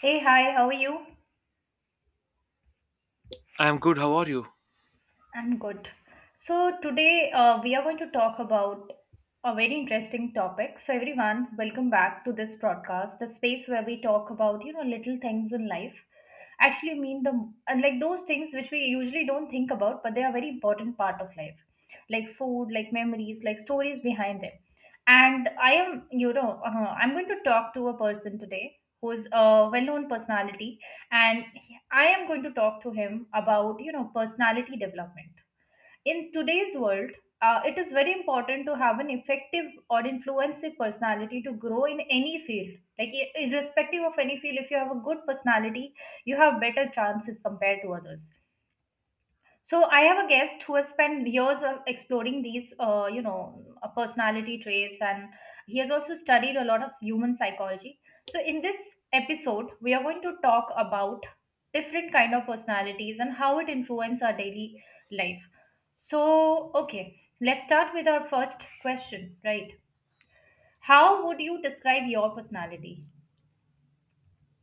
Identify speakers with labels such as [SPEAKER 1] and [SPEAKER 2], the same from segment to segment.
[SPEAKER 1] Hey, hi, how are you?
[SPEAKER 2] I'm good. How are you?
[SPEAKER 1] I'm good. So, today we are going to talk about a very interesting topic. So, everyone, welcome back to this broadcast, the space where we talk about, you know, little things in life. Actually, mean the and like those things which we usually don't think about, but they are very important part of life, like food, like memories, like stories behind them. And I am, you know, I'm going to talk to a person today who's a well-known personality and I am going to talk to him about you know personality development in today's world. Uh, it is very important to have an effective or influencing personality to grow in any field, like irrespective of any field, if you have a good personality you have better chances compared to others. So I have a guest who has spent years of exploring these, you know, personality traits, and he has also studied a lot of human psychology. So in this episode, we are going to talk about different kind of personalities and how it influence our daily life. So okay, let's start with our first question, right? How would you describe your personality?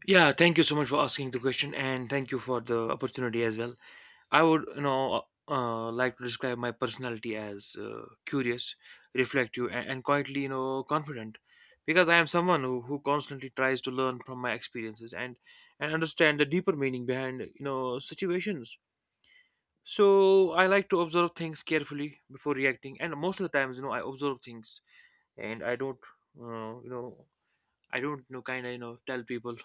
[SPEAKER 2] Yeah, thank you so much for asking the question, and thank you for the opportunity as well. I would, like to describe my personality as curious, reflective, and quietly, confident, because I am someone who constantly tries to learn from my experiences and understand the deeper meaning behind, situations. So I like to observe things carefully before reacting, and most of the times, I observe things, and uh, you know, I don't, kind of, tell people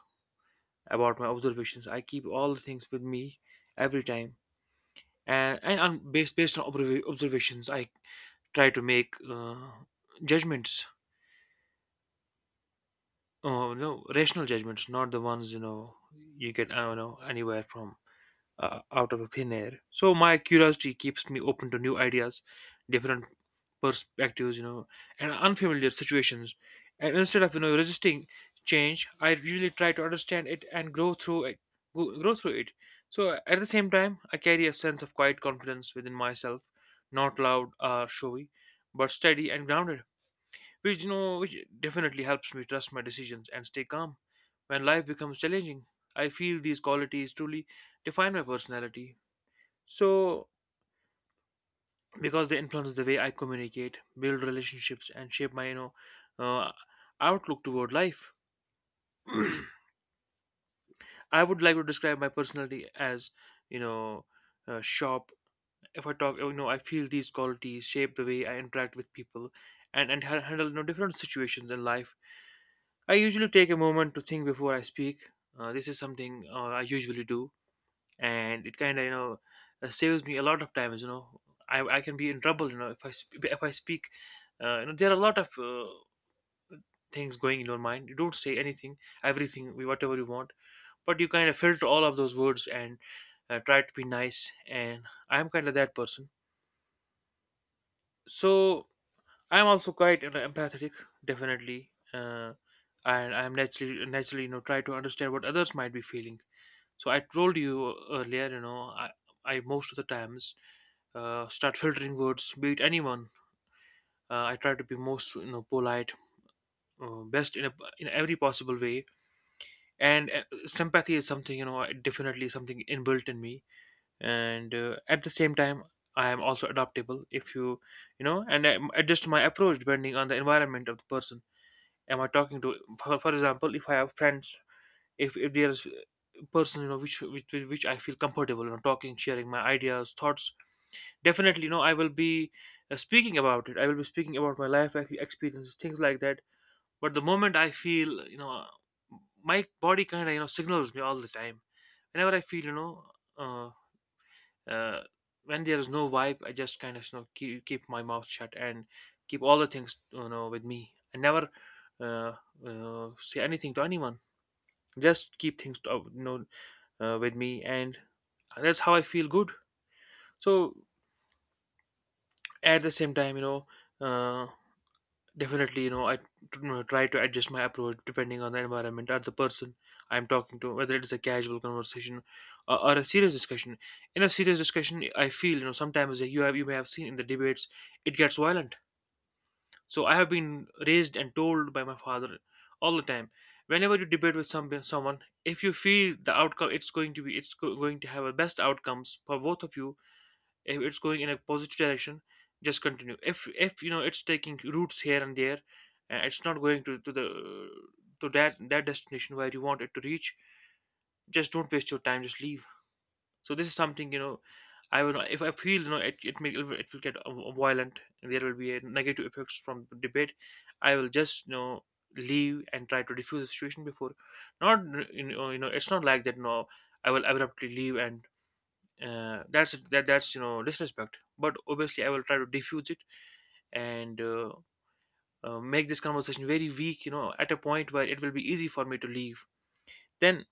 [SPEAKER 2] about my observations. I keep all the things with me every time, and on based based on observ- observations, I try to make judgments. Oh no, rational judgments, not the ones you know you get. I don't know anywhere from, out of thin air. So my curiosity keeps me open to new ideas, different perspectives, and unfamiliar situations. And instead of resisting change, I usually try to understand it and grow through it. Grow through it. So at the same time, I carry a sense of quiet confidence within myself, not loud or showy, but steady and grounded, which you know which definitely helps me trust my decisions and stay calm when life becomes challenging. I feel these qualities truly define my personality, so because they influence the way I communicate, build relationships, and shape my, uh, outlook toward life. I would like to describe my personality as, you know sharp. If I talk, I feel these qualities shape the way I interact with people, and handle different situations in life. I usually take a moment to think before I speak. This is something I usually do, and it kind of, saves me a lot of times. I can be in trouble. You know, if I speak, there are a lot of things going in your mind. You don't say anything, everything, whatever you want, but you kind of filter all of those words and, try to be nice. And I'm kind of that person. So I'm also quite, empathetic, definitely. And I'm naturally try to understand what others might be feeling. So I told you earlier, you know, I most of the times, start filtering words, be it anyone. I try to be most, you know, polite, best in every possible way. And sympathy is something, you know, definitely something inbuilt in me. And at the same time, I am also adaptable. If you, you know, and I adjust my approach depending on the environment of the person. Am I talking to? For example, if I have friends, if there is person, you know, which with, which I feel comfortable, you know, talking, sharing my ideas, thoughts, definitely, you know, I will be, speaking about it. I will be speaking about my life experiences, things like that. But the moment I feel, you know, my body kind of, you know, signals me all the time, whenever I feel, uh, uh, when there is no vibe, I just kind of, you know, keep my mouth shut and keep all the things, you know, with me. I never, uh, say anything to anyone. Just keep things to, you know with me, and that's how I feel good. So at the same time, uh, definitely, you know, I try to adjust my approach depending on the environment or the person I'm talking to, whether it is a casual conversation, or a serious discussion. In a serious discussion, I feel, you know, sometimes, like, you have, you may have seen in the debates, it gets violent. So I have been raised and told by my father all the time, whenever you debate with someone, if you feel the outcome, it's going to have a best outcomes for both of you, if it's going in a positive direction, just continue. If, you know, it's taking routes here and there, and it's not going to the, to that destination where you want it to reach, just don't waste your time, just leave. So this is something, you know, I will, if I feel, you know, it will get violent and there will be a negative effects from the debate, I will just, you know, leave and try to diffuse the situation before. Not, you know, you know, it's not like that. No, I will abruptly leave, and that's you know, disrespect, but obviously I will try to diffuse it. And make this conversation very weak, you know, at a point where it will be easy for me to leave. Then,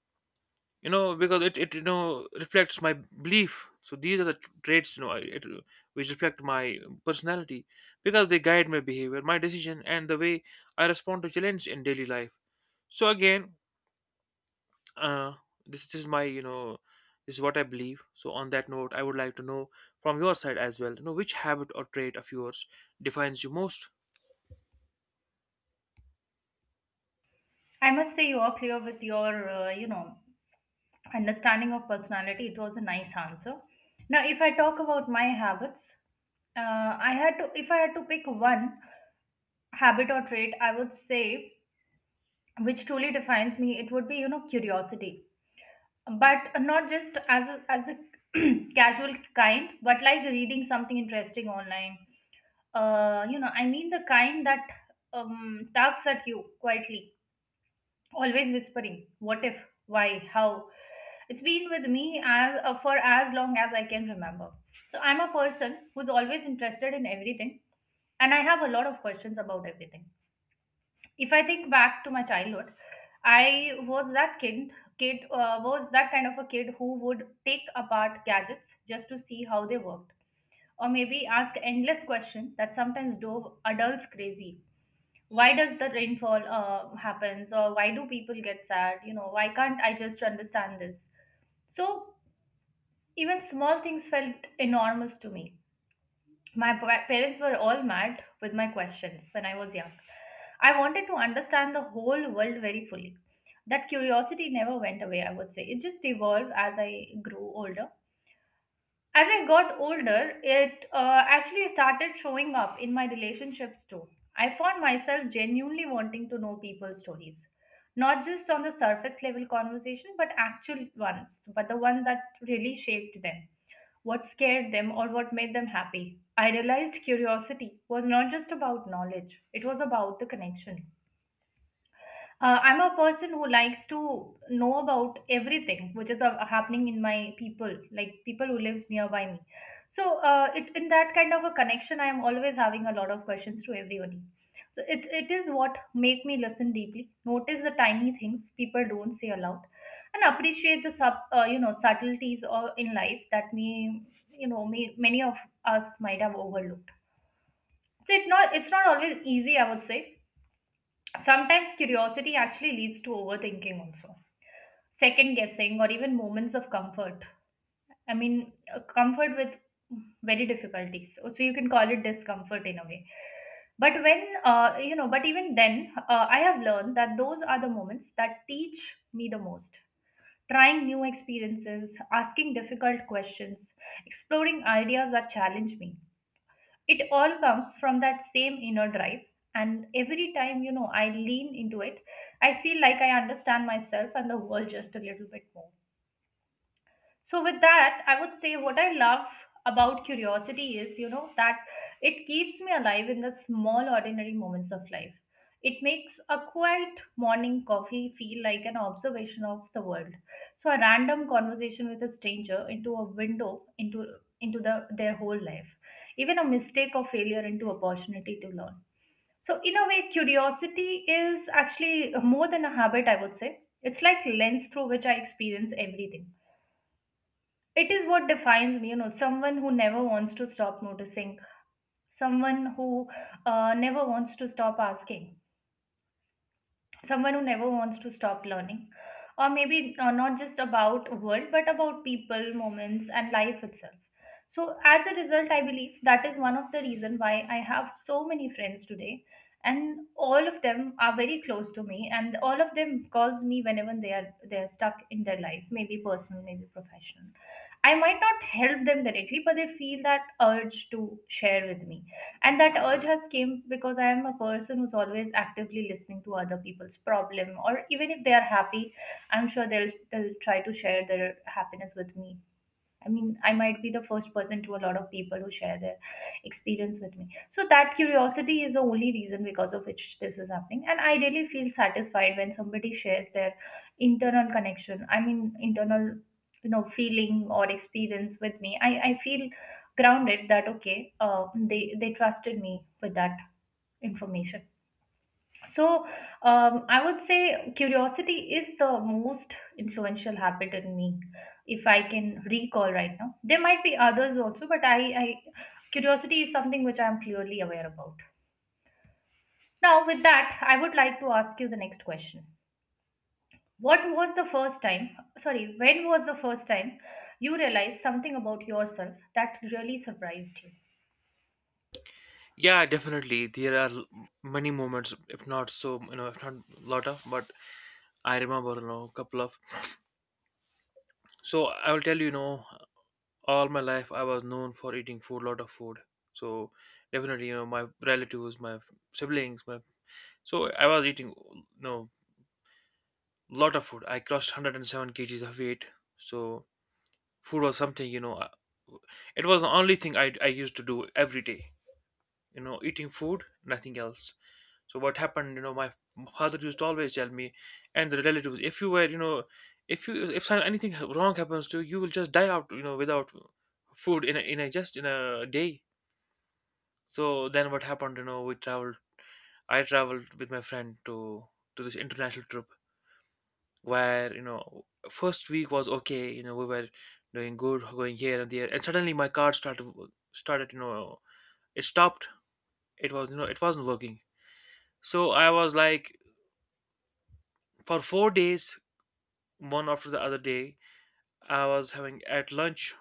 [SPEAKER 2] you know, because it you know, reflects my belief. So these are the traits, you know, it, which reflect my personality, because they guide my behavior, my decision, and the way I respond to challenge in daily life. So again, uh this is my, you know, this is what I believe. So on that note, I would like to know from your side as well, you know, which habit or trait of yours defines you most.
[SPEAKER 1] I must say you are clear with your, you know, understanding of personality. It was a nice answer. Now if I talk about my habits, I had to, if I had to pick one habit or trait, I would say which truly defines me, it would be you know curiosity, but not just as as the casual kind but like reading something interesting online. Uh, you know I mean the kind that tugs at you quietly, always whispering what if, why, how. It's been with me as, for as long as I can remember. So I'm a person who's always interested in everything and I have a lot of questions about everything. If I think back to my childhood, I was that kid kid was that kind of a kid who would take apart gadgets just to see how they worked, or maybe ask endless questions that sometimes drove adults crazy. Why does the rainfall happens, or why do people get sad, you know, why can't I just understand this? So even small things felt enormous to me. My parents were all mad with my questions when I was young. I wanted to understand the whole world very fully. That curiosity never went away, I would say it just evolved as I grew older. As I got older, it actually started showing up in my relationships too. I found myself genuinely wanting to know people's stories, not just on the surface level conversation, but actual ones, but the one that really shaped them, what scared them, or what made them happy. I realized curiosity was not just about knowledge, it was about the connection. I'm a person who likes to know about everything which is happening in my people, like people who lives nearby me. So, it in that kind of a connection, I am always having a lot of questions to everybody. So it is what make me listen deeply, notice the tiny things people don't say aloud, and appreciate the sub you know subtleties or in life that me you know me many of us might have overlooked. So it's not always easy, I would say. Sometimes curiosity actually leads to overthinking, also, second guessing, or even moments of comfort. I mean, comfort with very difficulties. So you can call it discomfort in a way. But when, you know, but even then, I have learned that those are the moments that teach me the most. Trying new experiences, asking difficult questions, exploring ideas that challenge me, it all comes from that same inner drive, and every time you know I lean into it, I feel like I understand myself and the world just a little bit more. So, with that, I would say what I love about curiosity is, you know, that it keeps me alive in the small, ordinary moments of life. It makes a quiet morning coffee feel like an observation of the world. So, a random conversation with a stranger into a window into their whole life. Even a mistake or failure into opportunity to learn. So, in a way, curiosity is actually more than a habit, I would say. It's like lens through which I experience everything. It is what defines me, you know, someone who never wants to stop noticing, someone who never wants to stop asking, someone who never wants to stop learning, or maybe not just about world but about people, moments and life itself. So as a result, I believe that is one of the reason why I have so many friends today, and all of them are very close to me, and all of them calls me whenever they are stuck in their life, maybe personal, maybe professional. I might not help them directly, but they feel that urge to share with me, and that urge has came because I am a person who's always actively listening to other people's problem, or even if they are happy, I'm sure they'll try to share their happiness with me. I mean, I might be the first person to a lot of people who share their experience with me. So that curiosity is the only reason because of which this is happening. And I really feel satisfied when somebody shares their internal connection. I mean, internal, you know, feeling or experience with me. I feel grounded that, okay, they trusted me with that information. So, I would say curiosity is the most influential habit in me, if I can recall right now. There might be others also, but I, curiosity is something which I'm clearly aware about. Now, with that, I would like to ask you the next question. What was the first time, sorry, when was the first time you realized something about yourself that really surprised you?
[SPEAKER 2] Yeah, definitely, there are, many moments, if not so, you know, if not lot of, but I remember, you know, couple of. So I will tell you, you know, all my life I was known for eating food, lot of food. So definitely, you know, my relatives, my siblings, my, so I was eating, you know, lot of food. I crossed 107 kg kgs of weight. So food was something, you know, it was the only thing I used to do every day, you know, eating food, nothing else. So what happened, you know, my father used to always tell me and the relatives, if you were, you know, if you, if anything wrong happens to you, you will just die out, you know, without food in in a just in a day. So then what happened, you know, we traveled. I traveled with my friend to this international trip, where, you know, first week was okay. You know, we were doing good, going here and there, and suddenly my card started, you know, it stopped. It was, you know, it wasn't working. So I was like, for 4 days, one after the other day, I was having at lunch.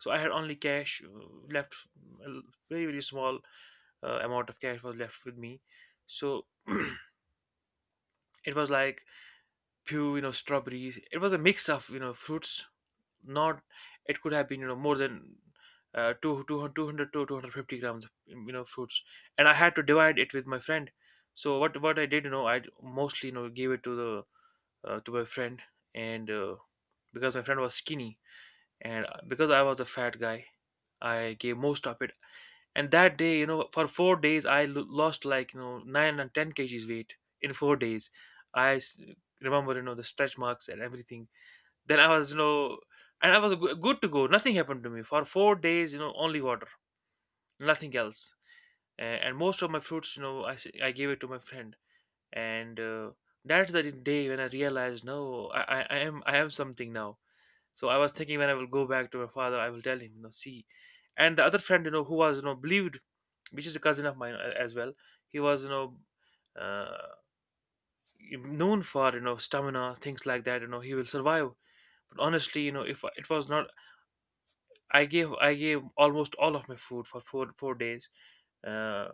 [SPEAKER 2] So I had only cash, left. A very small, amount of cash was left with me. So it was like, few, you know, strawberries. It was a mix of, you know, fruits, not, it could have been, you know, more than, 2 200, 200 to 250 grams of, you know, fruits, and I had to divide it with my friend. So what I did, you know, I mostly, you know, gave it to the, to my friend. And because my friend was skinny, and because I was a fat guy, I gave most of it. And that day, you know, for 4 days, I lost like, you know, 9 and 10 kgs weight in 4 days. I remember, you know, the stretch marks and everything. Then I was, you know, and I was good to go. Nothing happened to me for 4 days. You know, only water, nothing else. And most of my fruits, you know, I gave it to my friend. And that's the day when I realized, no, I am something now. So I was thinking when I will go back to my father, I will tell him, you know, see. And the other friend, you know, who was, you know, believed, which is a cousin of mine, as well. He was, you know, uh, known for, you know, stamina, things like that. You know, he will survive, but honestly, you know, if it was not, I gave almost all of my food for four days, uh,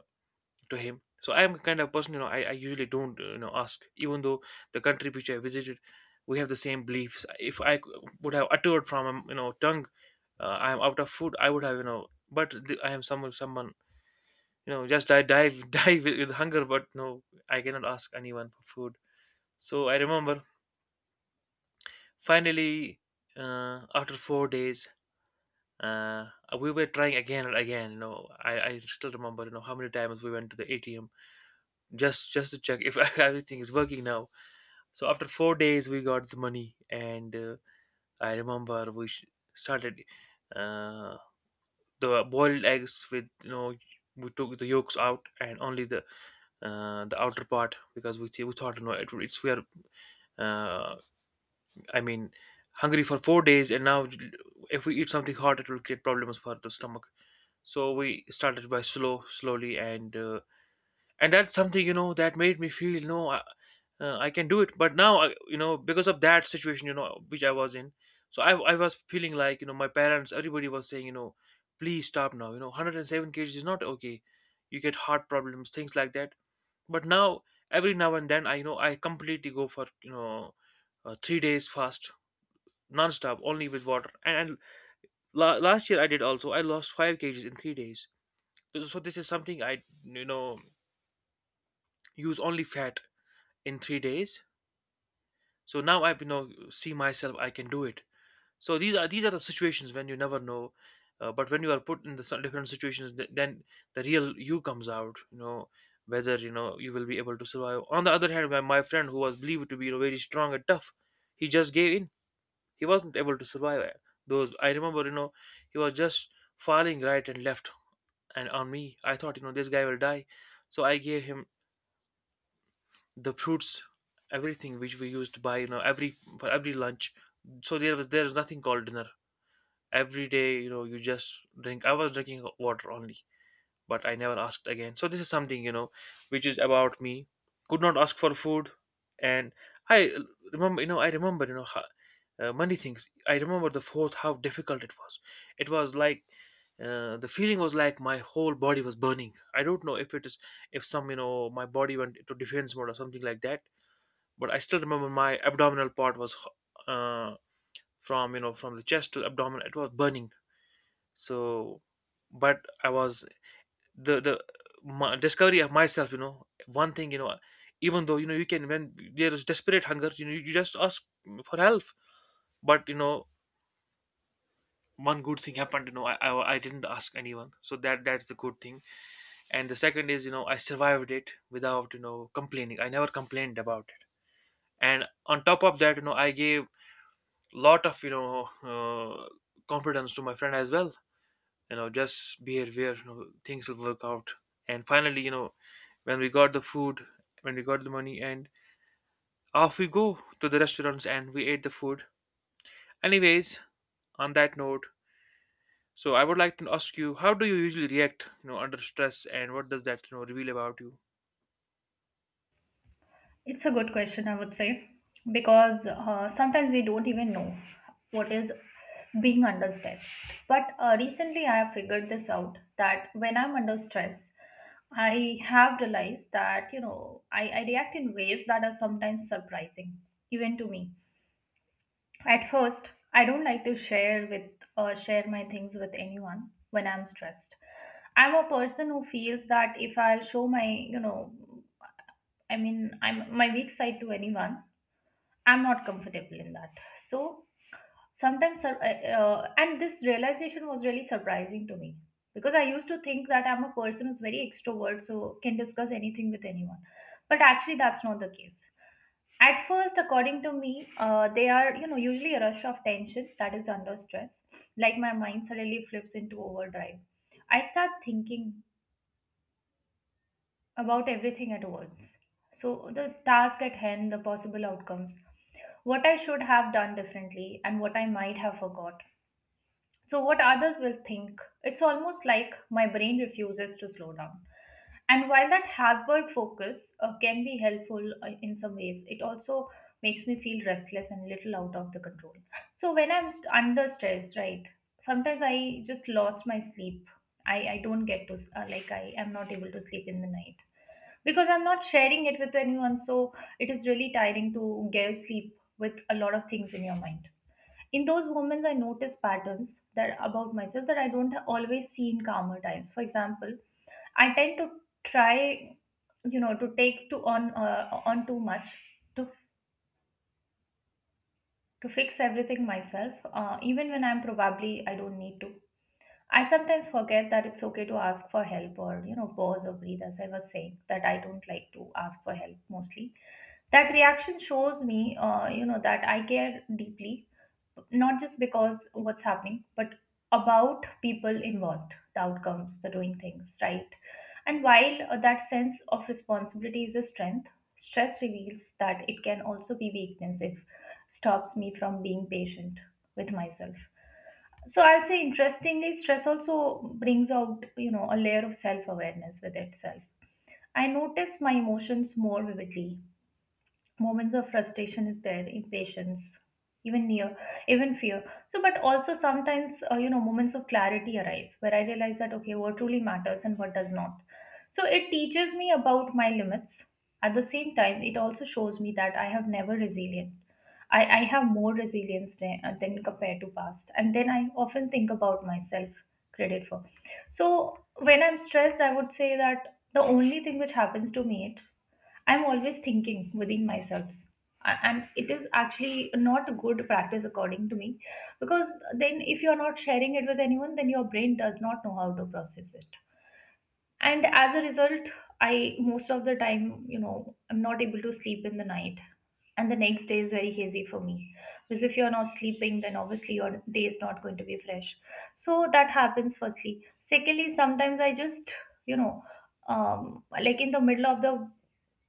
[SPEAKER 2] to him. So I'm a kind of person, you know, I usually don't, you know, ask. Even though the country which I visited, we have the same beliefs. If would have uttered from, you know, tongue, I am out of food, I would have, you know, but the, I am you know, just die with hunger. But no, I cannot ask anyone for food. So I remember finally, after 4 days, uh, we were trying again and again. I still remember how many times we went to the ATM just to check if everything is working now. So after 4 days, we got the money, and I remember we started uh, the boiled eggs with, we took the yolks out and only the outer part, because we thought, you know it, it's we are uh, I mean hungry for 4 days, and now if we eat something hot, it will create problems for the stomach. So we started by slowly, and that's something, that made me feel, no, I can do it. But now, I, you know because of that situation, which I was in, so I was feeling like, my parents, everybody was saying, please stop now, 107 kg is not okay, you get heart problems, things like that. But now, every now and then, I completely go for, 3 days fast, non-stop, only with water. And last year, I did also. I lost 5 kgs in 3 days. So this is something I, you know use only fat in 3 days. So now I, see myself, I can do it. So these are the situations when you never know, but when you are put in the some different situations, then the real you comes out, whether, you will be able to survive. On the other hand, my friend, who was believed to be, very strong and tough, he just gave in. He wasn't able to survive. Those, I remember, he was just falling right and left and on me. I thought, this guy will die. So I gave him the fruits, everything which we used to buy, every for every lunch. So there is nothing called dinner. Every day, you just drink. I was drinking water only, but I never asked again. So this is something, which is about me. Could not ask for food, and I uh, I remember, how, many things. I remember the fourth, how difficult it was. It was like, the feeling was like my whole body was burning. I don't know if it is if some you know my body went to defense mode or something like that, but I still remember my abdominal part was uh, from you know from the chest to the abdomen. It was burning. So, but I was the my discovery of myself. One thing: even though, you can, when there is desperate hunger, you just ask for help. But, one good thing happened. I didn't ask anyone. So that's the good thing. And the second is, I survived it without, complaining. I never complained about it. And on top of that, I gave lot of, confidence to my friend as well, just be aware, things will work out. And finally, when we got the food when we got the money, and off we go to the restaurants, and we ate the food. Anyways, on that note, so I would like to ask you, how do you usually react, under stress, and what does that, reveal about you?
[SPEAKER 1] It's a good question, I would say, because sometimes we don't even know what is being under stress. But recently, I have figured this out that when I'm under stress, I have realized that, you know, I react in ways that are sometimes surprising, even to me. At first, I don't like to share with share my things with anyone when I'm stressed. I'm a person who feels that if I'll show my, you know, I mean, I'm my weak side to anyone, I'm not comfortable in that. So and this realization was really surprising to me, because I used to think that I'm a person who's very extrovert, so can discuss anything with anyone. But actually, that's not the case. At first, according to me, they are you know usually a rush of tension that is under stress. Like my mind suddenly flips into overdrive. I start thinking about everything at once. So, the task at hand, the possible outcomes, what I should have done differently, and what I might have forgot. So, what others will think. It's almost like my brain refuses to slow down. And while that hard focus can be helpful in some ways, it also makes me feel restless and little out of the control. So when I'm under stress, right, sometimes I just lost my sleep. I don't get to, like, I am not able to sleep in the night because I'm not sharing it with anyone. So it is really tiring to get sleep with a lot of things in your mind. In those moments, I notice patterns that about myself that I don't always see in calmer times. For example, I tend to try, you know, to take to on too much to to fix everything myself, even when I'm probably I don't need to. I sometimes forget that it's okay to ask for help or pause or breathe, as I was saying that I don't like to ask for help mostly. That reaction shows me that I care deeply, not just because what's happening, but about people involved, the outcomes, the doing things right. And while that sense of responsibility is a strength, stress reveals that it can also be weakness if stops me from being patient with myself. So I'll say interestingly stress also brings out a layer of self awareness with itself. I notice my emotions more vividly, moments of frustration is there, impatience, even near even fear. So but also sometimes moments of clarity arise where I realize that okay what truly matters and what does not. So it teaches me about my limits. At the same time it also shows me that I have never resilient. I have more resilience than compared to past, and then I often think about myself credit for. So when I'm stressed I would say that the only thing which happens to me, I'm always thinking within myself. And it is actually not a good practice, according to me, because then if you're not sharing it with anyone, then your brain does not know how to process it. And as a result, I most of the time, I'm not able to sleep in the night. And the next day is very hazy for me. Because if you're not sleeping, then obviously your day is not going to be fresh. So that happens, firstly. Secondly, sometimes I just, you know, like in the middle of the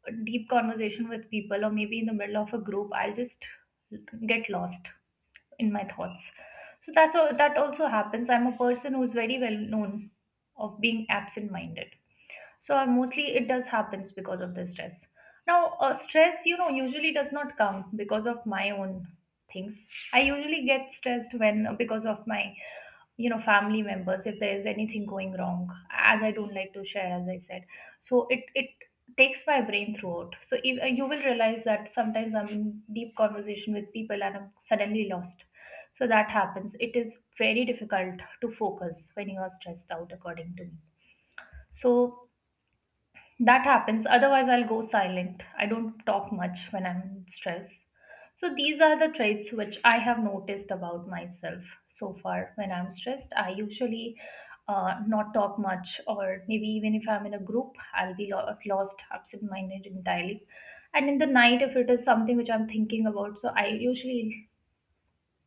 [SPEAKER 1] a deep conversation with people or maybe in the middle of a group I'll just get lost in my thoughts. So that's all that also happens. I'm a person who's very well known of being absent minded. So I mostly it does happens because of the stress. Now stress usually does not come because of my own things. I usually get stressed when because of my family members if there is anything going wrong, as I don't like to share as I said. So it takes my brain throughout. So if, you will realize that sometimes I'm in deep conversation with people and I'm suddenly lost. So that happens, it is very difficult to focus when you are stressed out, according to me. So that happens. Otherwise, I'll go silent. I don't talk much when I'm in stress. So, these are the traits which I have noticed about myself so far. When I'm stressed, I usually not talk much, or maybe even if I'm in a group, I'll be lost, absent minded entirely. And in the night, if it is something which I'm thinking about, so I usually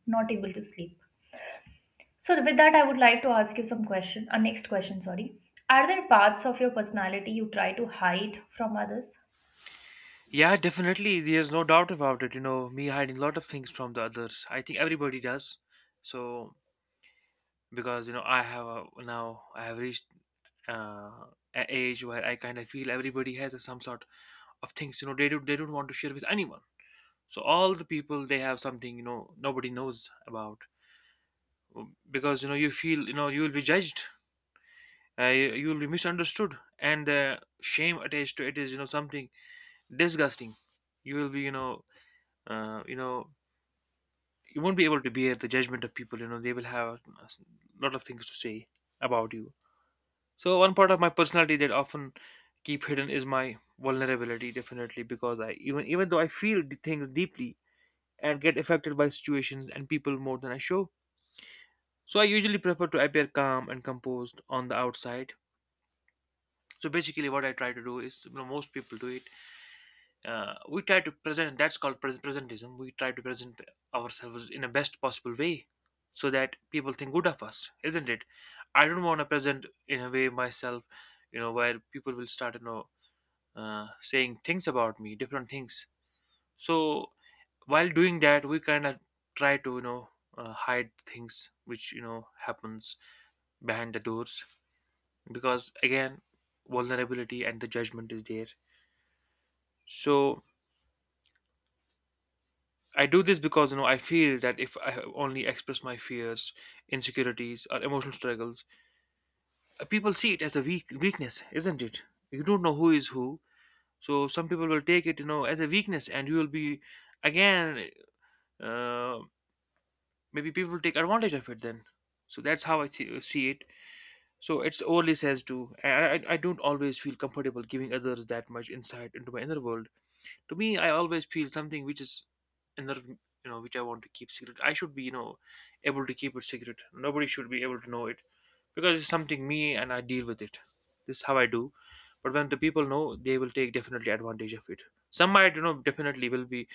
[SPEAKER 1] not able to sleep. So, with that, I would like to ask you some question. A next question, sorry. Are there parts of your personality you try to hide from others?
[SPEAKER 2] Yeah, definitely, there's no doubt about it. Me hiding a lot of things from the others, I think everybody does. So, because, now I have reached, uh, a age where I kind of feel everybody has some sort of things, they don't want to share with anyone. So all the people, they have something, nobody knows about. Because, you feel, you will be judged. You will be misunderstood, and the shame attached to it is, something disgusting. You will be you know uh, you know you won't be able to bear the judgment of people. You know they will have a lot of things to say about you. So one part of my personality that often keep hidden is my vulnerability, definitely, because I even even though I feel the things deeply and get affected by situations and people more than I show. So I usually prefer to appear calm and composed on the outside. So basically, what I try to do is, most people do it. We try to present. That's called presentism. We try to present ourselves in the best possible way, so that people think good of us, isn't it? I don't want to present in a way myself, where people will start, saying things about me, different things. So while doing that, we kind of try to, hide things which, happens behind the doors, because again, vulnerability and the judgment is there. So I do this because, I feel that if I only express my fears, insecurities, or emotional struggles, people see it as a weakness, isn't it? You don't know who is who, so some people will take it, as a weakness, and you will be again, uh, maybe people take advantage of it then. So that's how I see it. So it's overly says too, I don't always feel comfortable giving others that much insight into my inner world. To me, I always feel something which is inner, which I want to keep secret. I should be, able to keep it secret, nobody should be able to know it, because it's something me and I deal with it. This is how I do. But when the people know, they will take definitely advantage of it. Some might, definitely will be,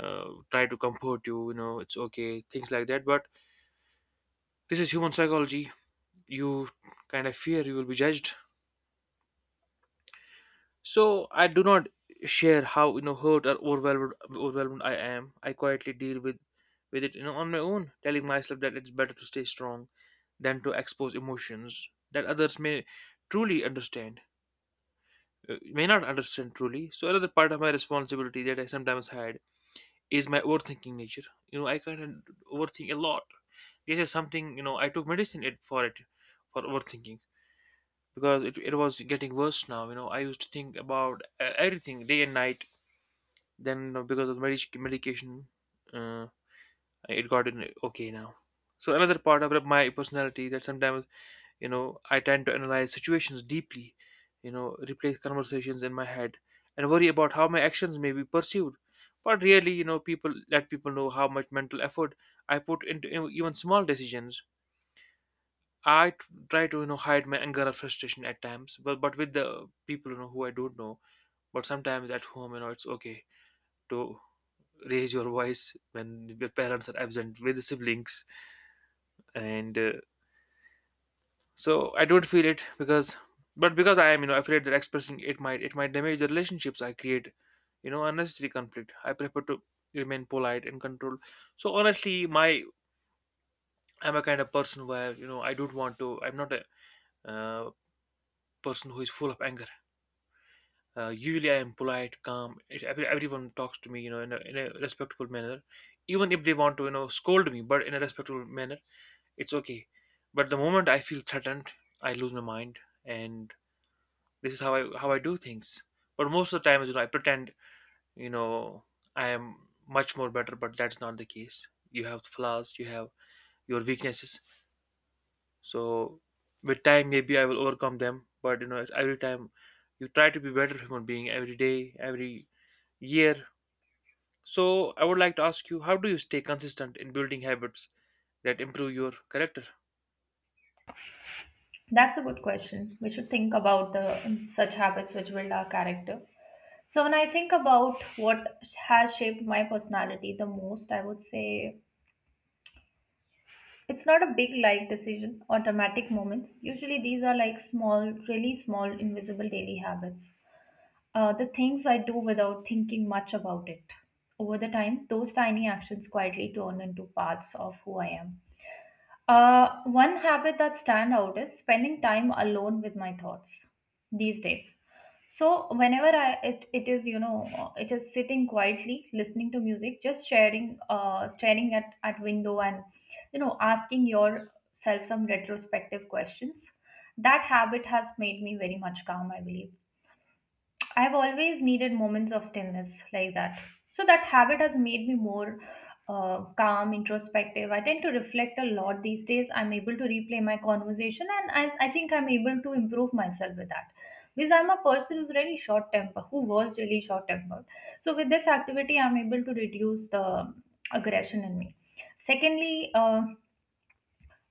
[SPEAKER 2] try to comfort you, you know it's okay, things like that. But this is human psychology. You kind of fear you will be judged. So I do not share how, hurt or overwhelmed I am. I quietly deal with it, on my own, telling myself that it's better to stay strong than to expose emotions that others truly understand may not understand truly. So another part of my responsibility that I sometimes hide is my overthinking nature. I kind of overthink a lot. This is something, I took medicine it for it, for overthinking, because it was getting worse now. I used to think about, everything day and night. Then, because of medication, uh, it got in okay now. So another part of my personality that sometimes, I tend to analyze situations deeply, replay conversations in my head, and worry about how my actions may be perceived. But really, people let people know how much mental effort I put into even small decisions. I try to, hide my anger or frustration at times, but with the people, who I don't know. But sometimes at home, it's okay to raise your voice when your parents are absent with the siblings, and, so I don't feel it, but because I am, afraid that expressing it might damage the relationships I create, unnecessary conflict. I prefer to remain polite and controlled. So honestly, my I'm a kind of person where, I don't want to. I'm not a, uh, person who is full of anger. Usually, I am polite, calm. Everyone talks to me, in a respectful manner. Even if they want to, scold me, but in a respectful manner, it's okay. But the moment I feel threatened, I lose my mind, and this is how I do things. But most of the time, I pretend, you know, I am much more better, but that's not the case. You have flaws, you have your weaknesses. So, with time, maybe I will overcome them. But, every time you try to be better human being every day, every year. So, I would like to ask you, how do you stay consistent in building habits that improve your character?
[SPEAKER 1] That's a good question. We should think about the such habits which build our character. So when I think about what has shaped my personality the most, I would say it's not a big life decision or dramatic moments. Usually these are like small, really small, invisible daily habits. The things I do without thinking much about it. Over the time, those tiny actions quietly turn into parts of who I am. One habit that stand out is spending time alone with my thoughts these days. So whenever it is it is sitting quietly listening to music, just sharing staring at window and asking yourself some retrospective questions. That habit has made me very much calm, I believe. I've always needed moments of stillness like that. So that habit has made me more calm, introspective. I tend to reflect a lot these days. I'm able to replay my conversation and I think I'm able to improve myself with that. Because I'm a person who's really short tempered, who was really short tempered. So with this activity, I'm able to reduce the aggression in me. Secondly,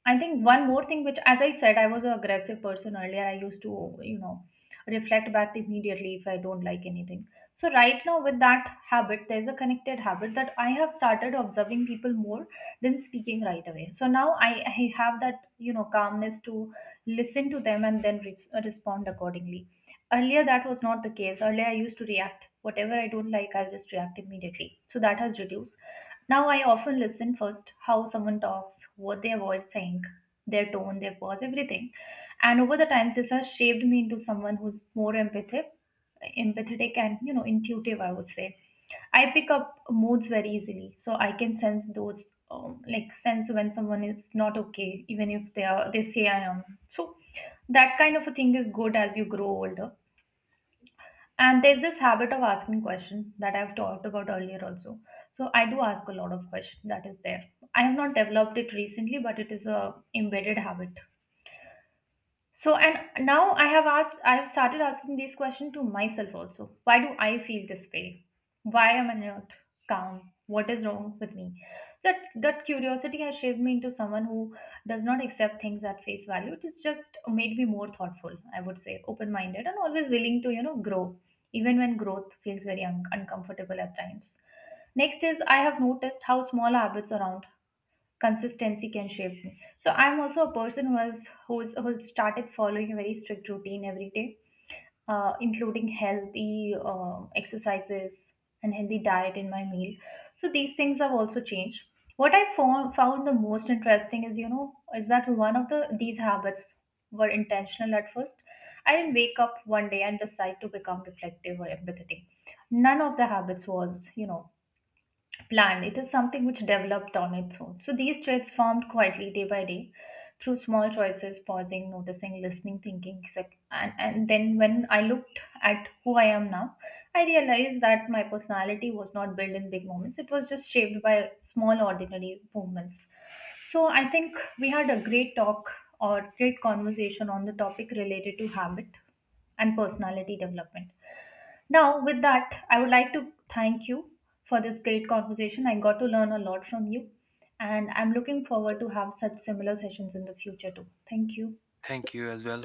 [SPEAKER 1] I think one more thing, which, as I said, I was an aggressive person earlier. I used to, reflect back immediately if I don't like anything. So, right now, with that habit, there's a connected habit that I have started observing people more than speaking right away. So, now I have that, calmness to listen to them and then respond accordingly. Earlier, that was not the case. Earlier, I used to react. Whatever I don't like, I'll just react immediately. So, that has reduced. Now I often listen first how someone talks, what their voice saying, their tone, their pause, everything. And over the time this has shaped me into someone who's more empathic empathetic and intuitive I would say. I pick up moods very easily, so I can sense those, like sense when someone is not okay, even if they say I am. So that kind of a thing is good as you grow older. And there's this habit of asking questions that I've talked about earlier also. So I do ask a lot of questions. That is there. I have not developed it recently, but it is a embedded habit. So, and now I have started asking this question to myself also. Why do I feel this way? Why am I not calm? What is wrong with me? That curiosity has shaped me into someone who does not accept things at face value. It has just made me more thoughtful, I would say, open-minded, and always willing to grow, even when growth feels very uncomfortable at times. Next is I have noticed how small habits around consistency can shape me. So I'm also a person who's started following a very strict routine every day, including healthy exercises and healthy diet in my meal. So these things have also changed. What I found the most interesting is is that one of the these habits were intentional at first. I didn't wake up one day and decide to become reflective or empathetic. None of the habits was planned. It is something which developed on its own. So these traits formed quietly day by day through small choices, pausing, noticing, listening, thinking. And, then when I looked at who I am now, I realized that my personality was not built in big moments. It was just shaped by small, ordinary movements. So I think we had a great talk or great conversation on the topic related to habit and personality development. Now, with that, I would like to thank you for this great conversation. I got to learn a lot from you, and I'm looking forward to have such similar sessions in the future too. Thank you.
[SPEAKER 2] Thank you as well.